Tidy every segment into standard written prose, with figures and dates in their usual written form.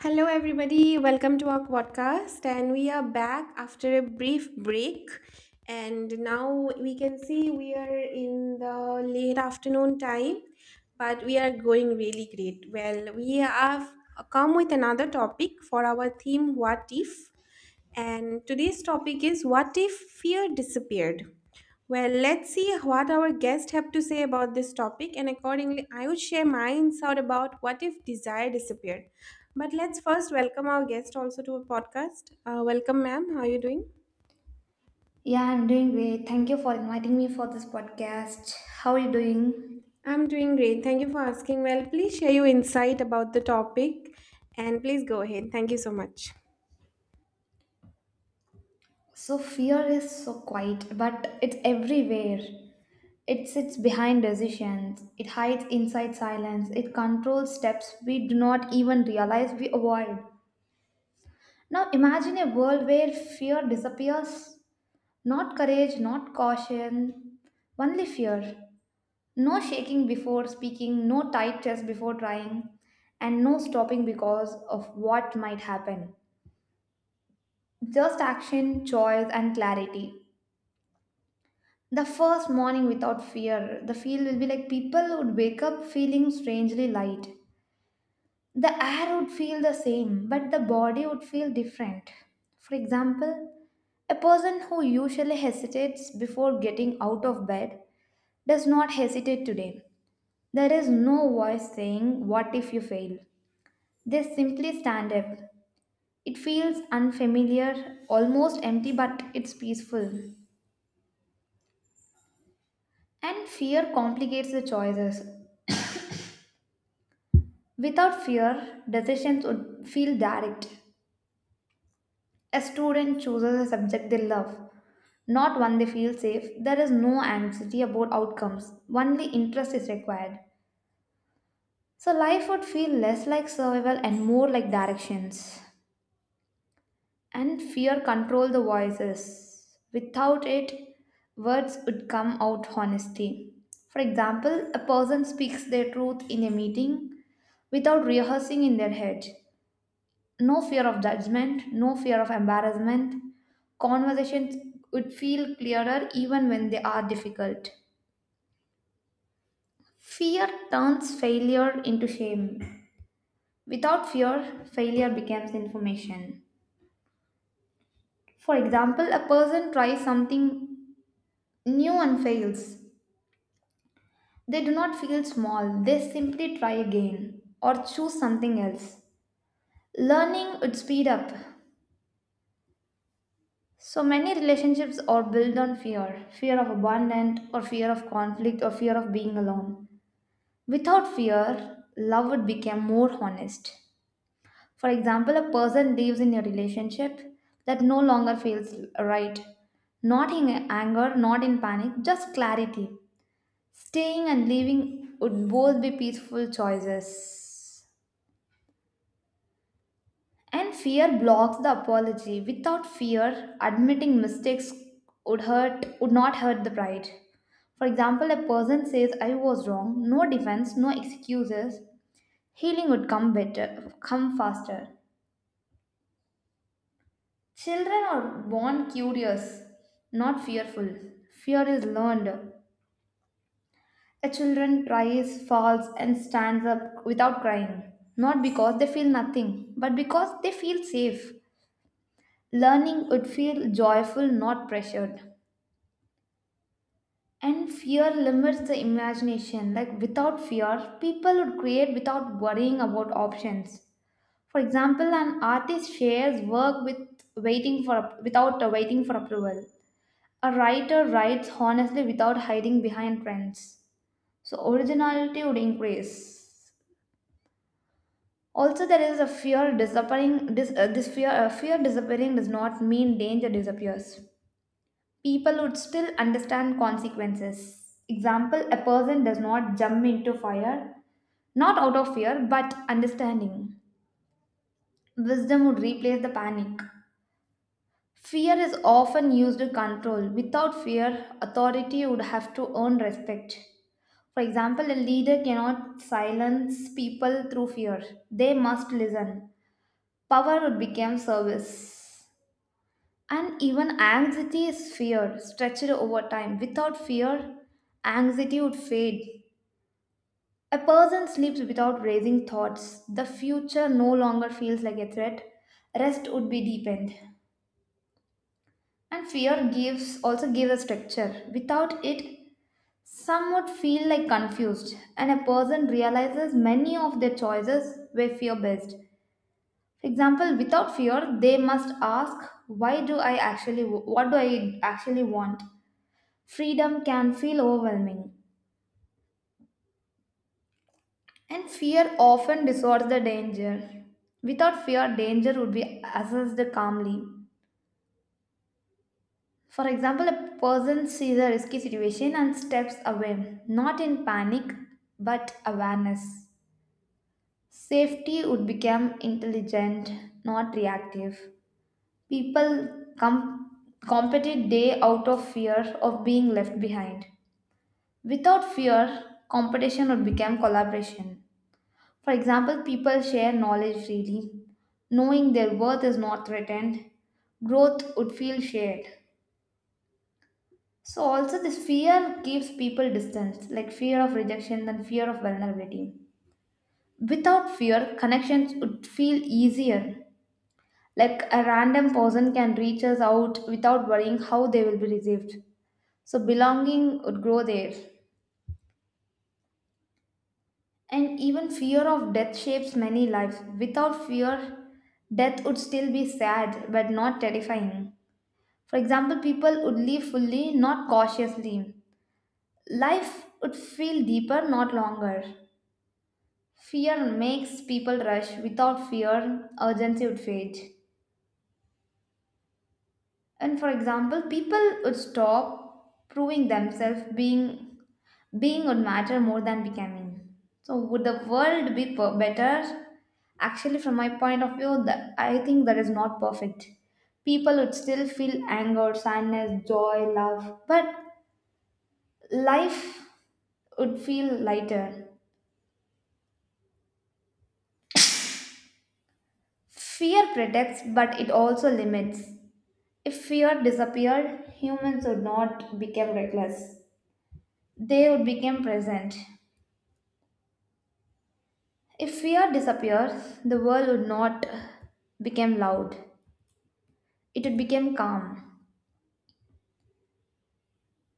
Hello, everybody. Welcome to our podcast. And we are back after a brief break. And now we can see we are in the late afternoon time, but we are going really great. Well, we have come with another topic for our theme What If? And today's topic is What if fear disappeared? Well, let's see what our guests have to say about this topic, and accordingly, I would share my insight about what if desire disappeared. But let's first welcome our guest also to a podcast. Welcome, ma'am. How are you doing? Yeah, I'm doing great. Thank you for inviting me for this podcast. How are you doing? I'm doing great. Thank you for asking. Well, please share your insight about the topic and please go ahead. Thank you so much. So fear is so quiet, but it's everywhere. It sits behind decisions. It hides inside silence. It controls steps we do not even realize we avoid. Now imagine a world where fear disappears. Not courage, not caution, only fear. No shaking before speaking, no tight chest before trying, and no stopping because of what might happen. Just action, choice, and clarity. The first morning without fear, the feel will be like people would wake up feeling strangely light. The air would feel the same, but the body would feel different. For example, a person who usually hesitates before getting out of bed does not hesitate today. There is no voice saying, what if you fail? They simply stand up. It feels unfamiliar, almost empty, but it's peaceful. And fear complicates the choices. Without fear, decisions would feel direct. A student chooses a subject they love, not one they feel safe. There is no anxiety about outcomes, only interest is required. So life would feel less like survival and more like directions. And fear control the voices. Without it, words would come out honestly. For example, a person speaks their truth in a meeting without rehearsing in their head. No fear of judgment, no fear of embarrassment. Conversations would feel clearer even when they are difficult. Fear turns failure into shame. Without fear, failure becomes information. For example, a person tries something new one fails. They do not feel small, they simply try again or choose something else. Learning would speed up. So many relationships are built on fear, fear of abandonment, or fear of conflict, or fear of being alone. Without fear, love would become more honest. For example, a person lives in a relationship that no longer feels right, not in anger, not in panic, just clarity. Staying and leaving would both be peaceful choices. And fear blocks the apology. Without fear, admitting mistakes would not hurt the pride. For example, a person says I was wrong, no defense, no excuses. Healing would come better, come faster. Children are born curious, not fearful. Fear is learned. A children cries, falls, and stands up without crying, not because they feel nothing, but because they feel safe. Learning would feel joyful, not pressured. And fear limits the imagination. Like, without fear, people would create without worrying about options. For example, an artist shares work with waiting for without waiting for approval. A writer writes honestly without hiding behind trends. So originality would increase. Also, there is a fear disappearing. This fear disappearing does not mean danger disappears. People would still understand consequences. Example: a person does not jump into fire, not out of fear, but understanding. Wisdom would replace the panic. Fear is often used to control. Without fear, authority would have to earn respect. For example, a leader cannot silence people through fear. They must listen. Power became service. And even anxiety is fear, stretched over time. Without fear, anxiety would fade. A person sleeps without raising thoughts. The future no longer feels like a threat. Rest would be deepened. And fear gives also gives a structure. Without it, some would feel like confused, and a person realizes many of their choices were fear based. For example, without fear, they must ask, why do I actually, what do I actually want? Freedom can feel overwhelming, and fear often distorts the danger. Without fear, danger would be assessed calmly. For example, a person sees a risky situation and steps away, not in panic, but awareness. Safety would become intelligent, not reactive. People com- Competed day out of fear of being left behind. Without fear, competition would become collaboration. For example, people share knowledge freely, knowing their worth is not threatened, growth would feel shared. So, also, this fear keeps people distant, like fear of rejection and fear of vulnerability. Without fear, connections would feel easier. Like, a random person can reach us out without worrying how they will be received. So belonging would grow there. And even fear of death shapes many lives. Without fear, death would still be sad but not terrifying. For example, people would live fully, not cautiously. Life would feel deeper, not longer. Fear makes people rush. Without fear, urgency would fade. And for example, people would stop proving themselves, being would matter more than becoming. So would the world be better? Actually, from my point of view, that I think that is not perfect. People would still feel anger, sadness, joy, love, but life would feel lighter. Fear protects, but it also limits. If fear disappeared, humans would not become reckless, they would become present. If fear disappears, the world would not become loud. It would become calm.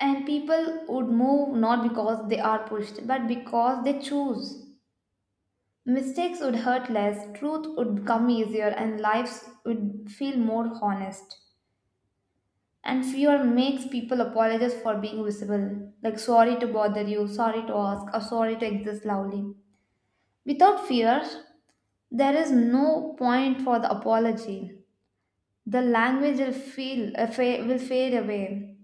And people would move not because they are pushed, but because they choose. Mistakes would hurt less, truth would become easier, and lives would feel more honest. And fear makes people apologize for being visible, like sorry to bother you, sorry to ask, or sorry to exist loudly. Without fear, there is no point for the apology. The language will fade away.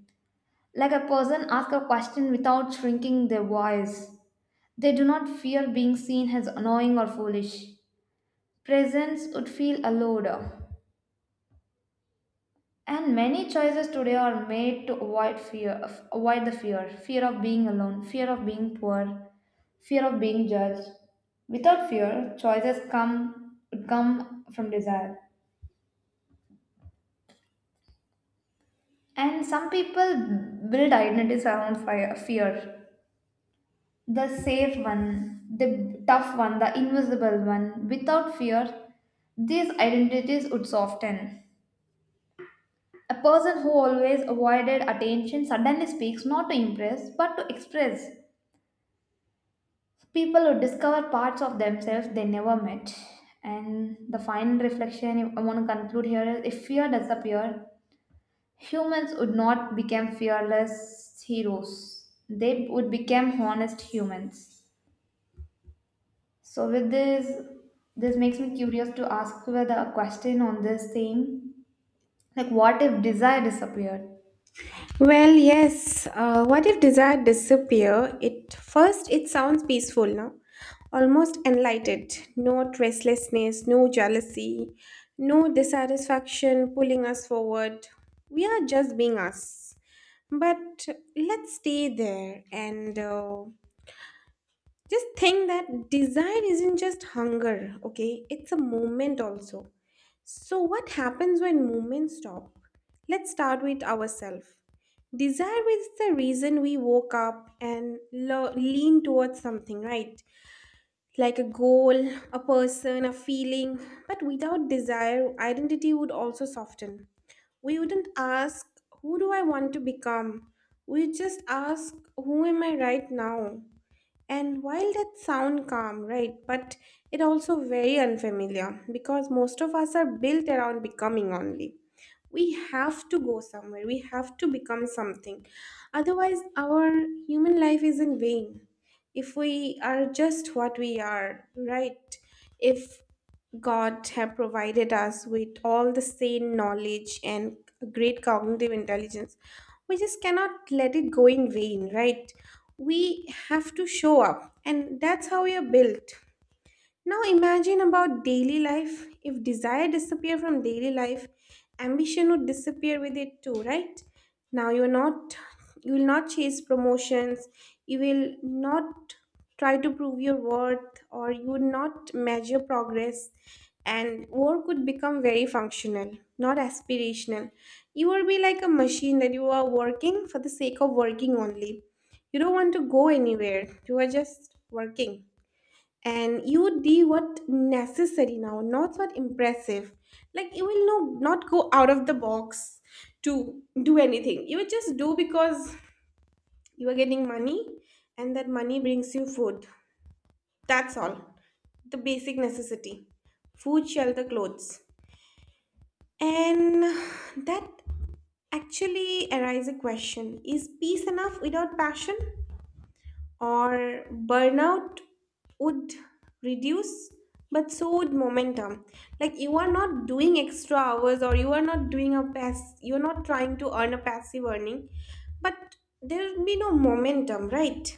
Like, a person asks a question without shrinking their voice. They do not fear being seen as annoying or foolish. Presence would feel allowed. And many choices today are made to avoid the fear of being alone, fear of being poor, fear of being judged. Without fear, choices come from desire. And some people build identities around fear, the safe one, the tough one, the invisible one. Without fear, these identities would soften. A person who always avoided attention suddenly speaks not to impress but to express. People would discover parts of themselves they never met. And the final reflection, if I want to conclude here, is if fear disappeared, humans would not become fearless heroes. They would become honest humans. So with this, this makes me curious to ask you the question on this thing. Like, what if desire disappeared? Well, yes. What if desire disappear? It first it sounds peaceful, no? Almost enlightened. No restlessness, no jealousy, no dissatisfaction pulling us forward. We are just being us. But let's stay there and just think that desire isn't just hunger, okay? It's a moment also. So, what happens when movements stop? Let's start with ourselves. Desire is the reason we woke up and lean towards something, right? Like a goal, a person, a feeling. But without desire, identity would also soften. We wouldn't ask, who do I want to become? We just ask, who am I right now? And while that sound calm, right, but it also very unfamiliar because most of us are built around becoming only. We have to go somewhere, we have to become something, otherwise our human life is in vain. If we are just what we are, right? If god have provided us with all the sane knowledge and great cognitive intelligence, we just cannot let it go in vain, right? We have to show up, and that's how we are built. Now imagine about daily life. If desire disappear from daily life, ambition would disappear with it too, right? Now you will not chase promotions, you will not try to prove your worth or you would not measure progress, and work would become very functional, not aspirational. You will be like a machine that you are working for the sake of working only. You don't want to go anywhere. You are just working, and you would do what necessary now, not what impressive. Like you will no, not go out of the box to do anything. You will just do because you are getting money, and that money brings you food. That's all, the basic necessity, food, shelter, clothes. And that actually arises a question, is peace enough without passion? Or burnout would reduce, but so would momentum. Like you are not doing extra hours or you are not doing a pass you're not trying to earn a passive earning, but there will be no momentum, right?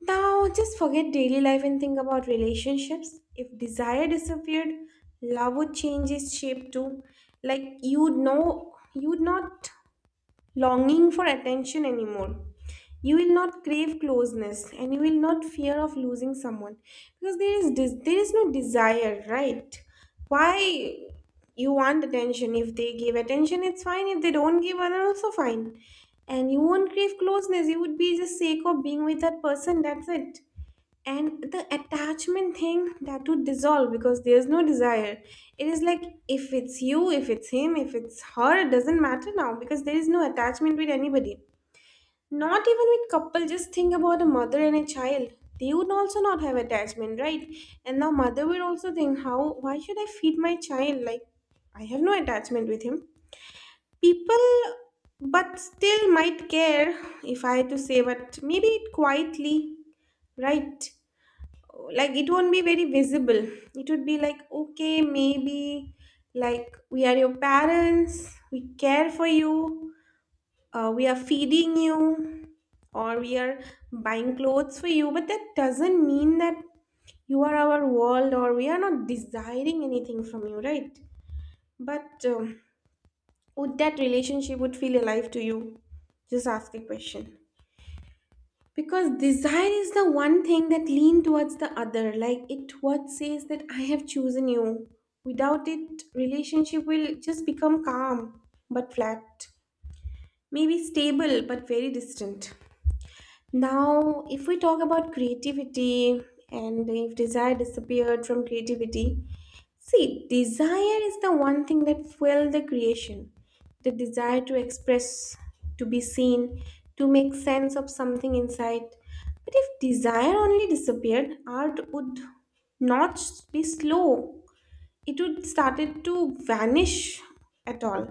Now just forget daily life and think about relationships. If desire disappeared, love would change its shape too. Like you would know, you'd not longing for attention anymore. You will not crave closeness and you will not fear of losing someone because there is there is no desire, right? Why you want attention? If they give attention it's fine, if they don't give other also fine. And you won't crave closeness, you would be just sake of being with that person, that's it. And the attachment thing, that would dissolve because there's no desire. It is like, if it's you, if it's him, if it's her, it doesn't matter now because there is no attachment with anybody, not even with couple. Just think about a mother and a child, they would also not have attachment, right? And now mother will also think how, why should I feed my child? Like, I have no attachment with him. People but still might care, if I had to say, but maybe quietly, right? Like it won't be very visible. It would be like, okay, maybe, like, we are your parents, we care for you, we are feeding you, or we are buying clothes for you, but that doesn't mean that you are our world or we are not desiring anything from you, right? But would that relationship would feel alive to you? Just ask a question. Because desire is the one thing that lean towards the other, like it what says that I have chosen you. Without it, relationship will just become calm but flat, maybe stable but very distant. Now if we talk about creativity and if desire disappeared from creativity. See, desire is the one thing that fueled the creation. The desire to express, to be seen, to make sense of something inside. But if desire only disappeared, art would not be slow. It would started to vanish at all.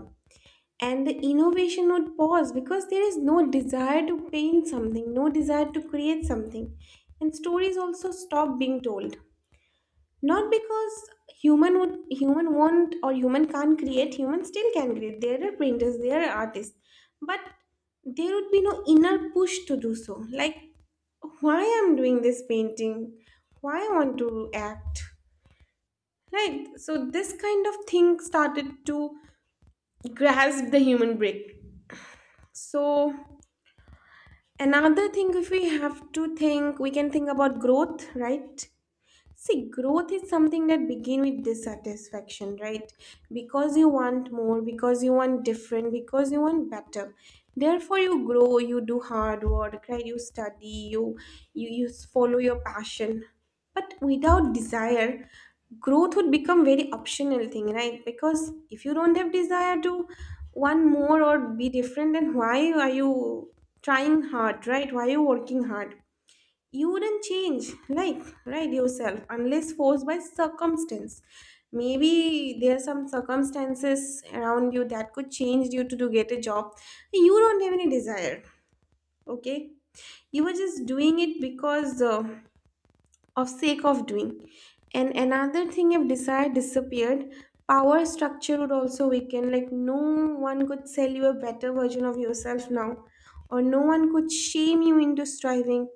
And the innovation would pause because there is no desire to paint something, no desire to create something. And stories also stop being told, not because human won't or human can't create, human still can create, there are printers, there are artists, but there would be no inner push to do so. Like, why I'm doing this painting? Why I want to act? Right? So this kind of thing started to grasp the human brain. So another thing, if we have to think, we can think about growth, right? See, growth is something that begin with dissatisfaction, right? Because you want more, because you want different, because you want better. Therefore, you grow, you do hard work, right? You study, you follow your passion. But without desire, growth would become very optional thing, right? Because if you don't have desire to want more or be different, then why are you trying hard, right? Why are you working hard? You wouldn't change, like, right, yourself unless forced by circumstance. Maybe there are some circumstances around you that could change you to get a job. You don't have any desire, okay? You were just doing it because of sake of doing. And another thing, if desire disappeared, power structure would also weaken. Like no one could sell you a better version of yourself now, or no one could shame you into striving.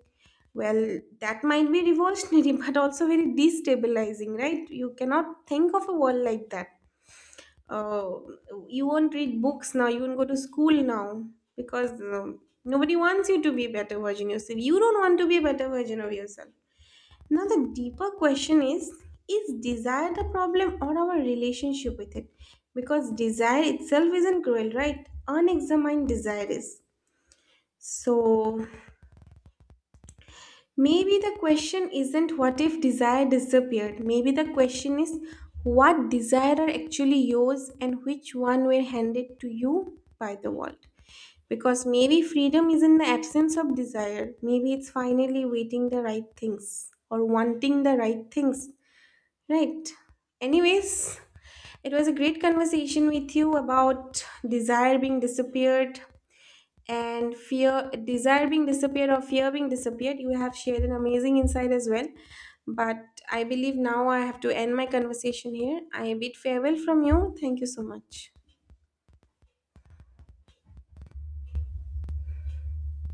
Well, that might be revolutionary, but also very destabilizing, right? You cannot think of a world like that. Uh, you won't read books now, you won't go to school now, because nobody wants you to be a better version of yourself. You don't want to be a better version of yourself. Now, the deeper question is desire the problem or our relationship with it? Because desire itself isn't cruel, right? Unexamined desire is. So, maybe the question isn't what if desire disappeared. Maybe the question is what desire are actually yours and which one were handed to you by the world. Because maybe freedom is in the absence of desire. Maybe it's finally waiting the right things or wanting the right things. Right. Anyways, it was a great conversation with you about desire being disappeared and fear desire being disappeared, or fear being disappeared. You have shared an amazing insight as well, but I believe now I have to end my conversation here. I bid farewell from you. Thank you so much.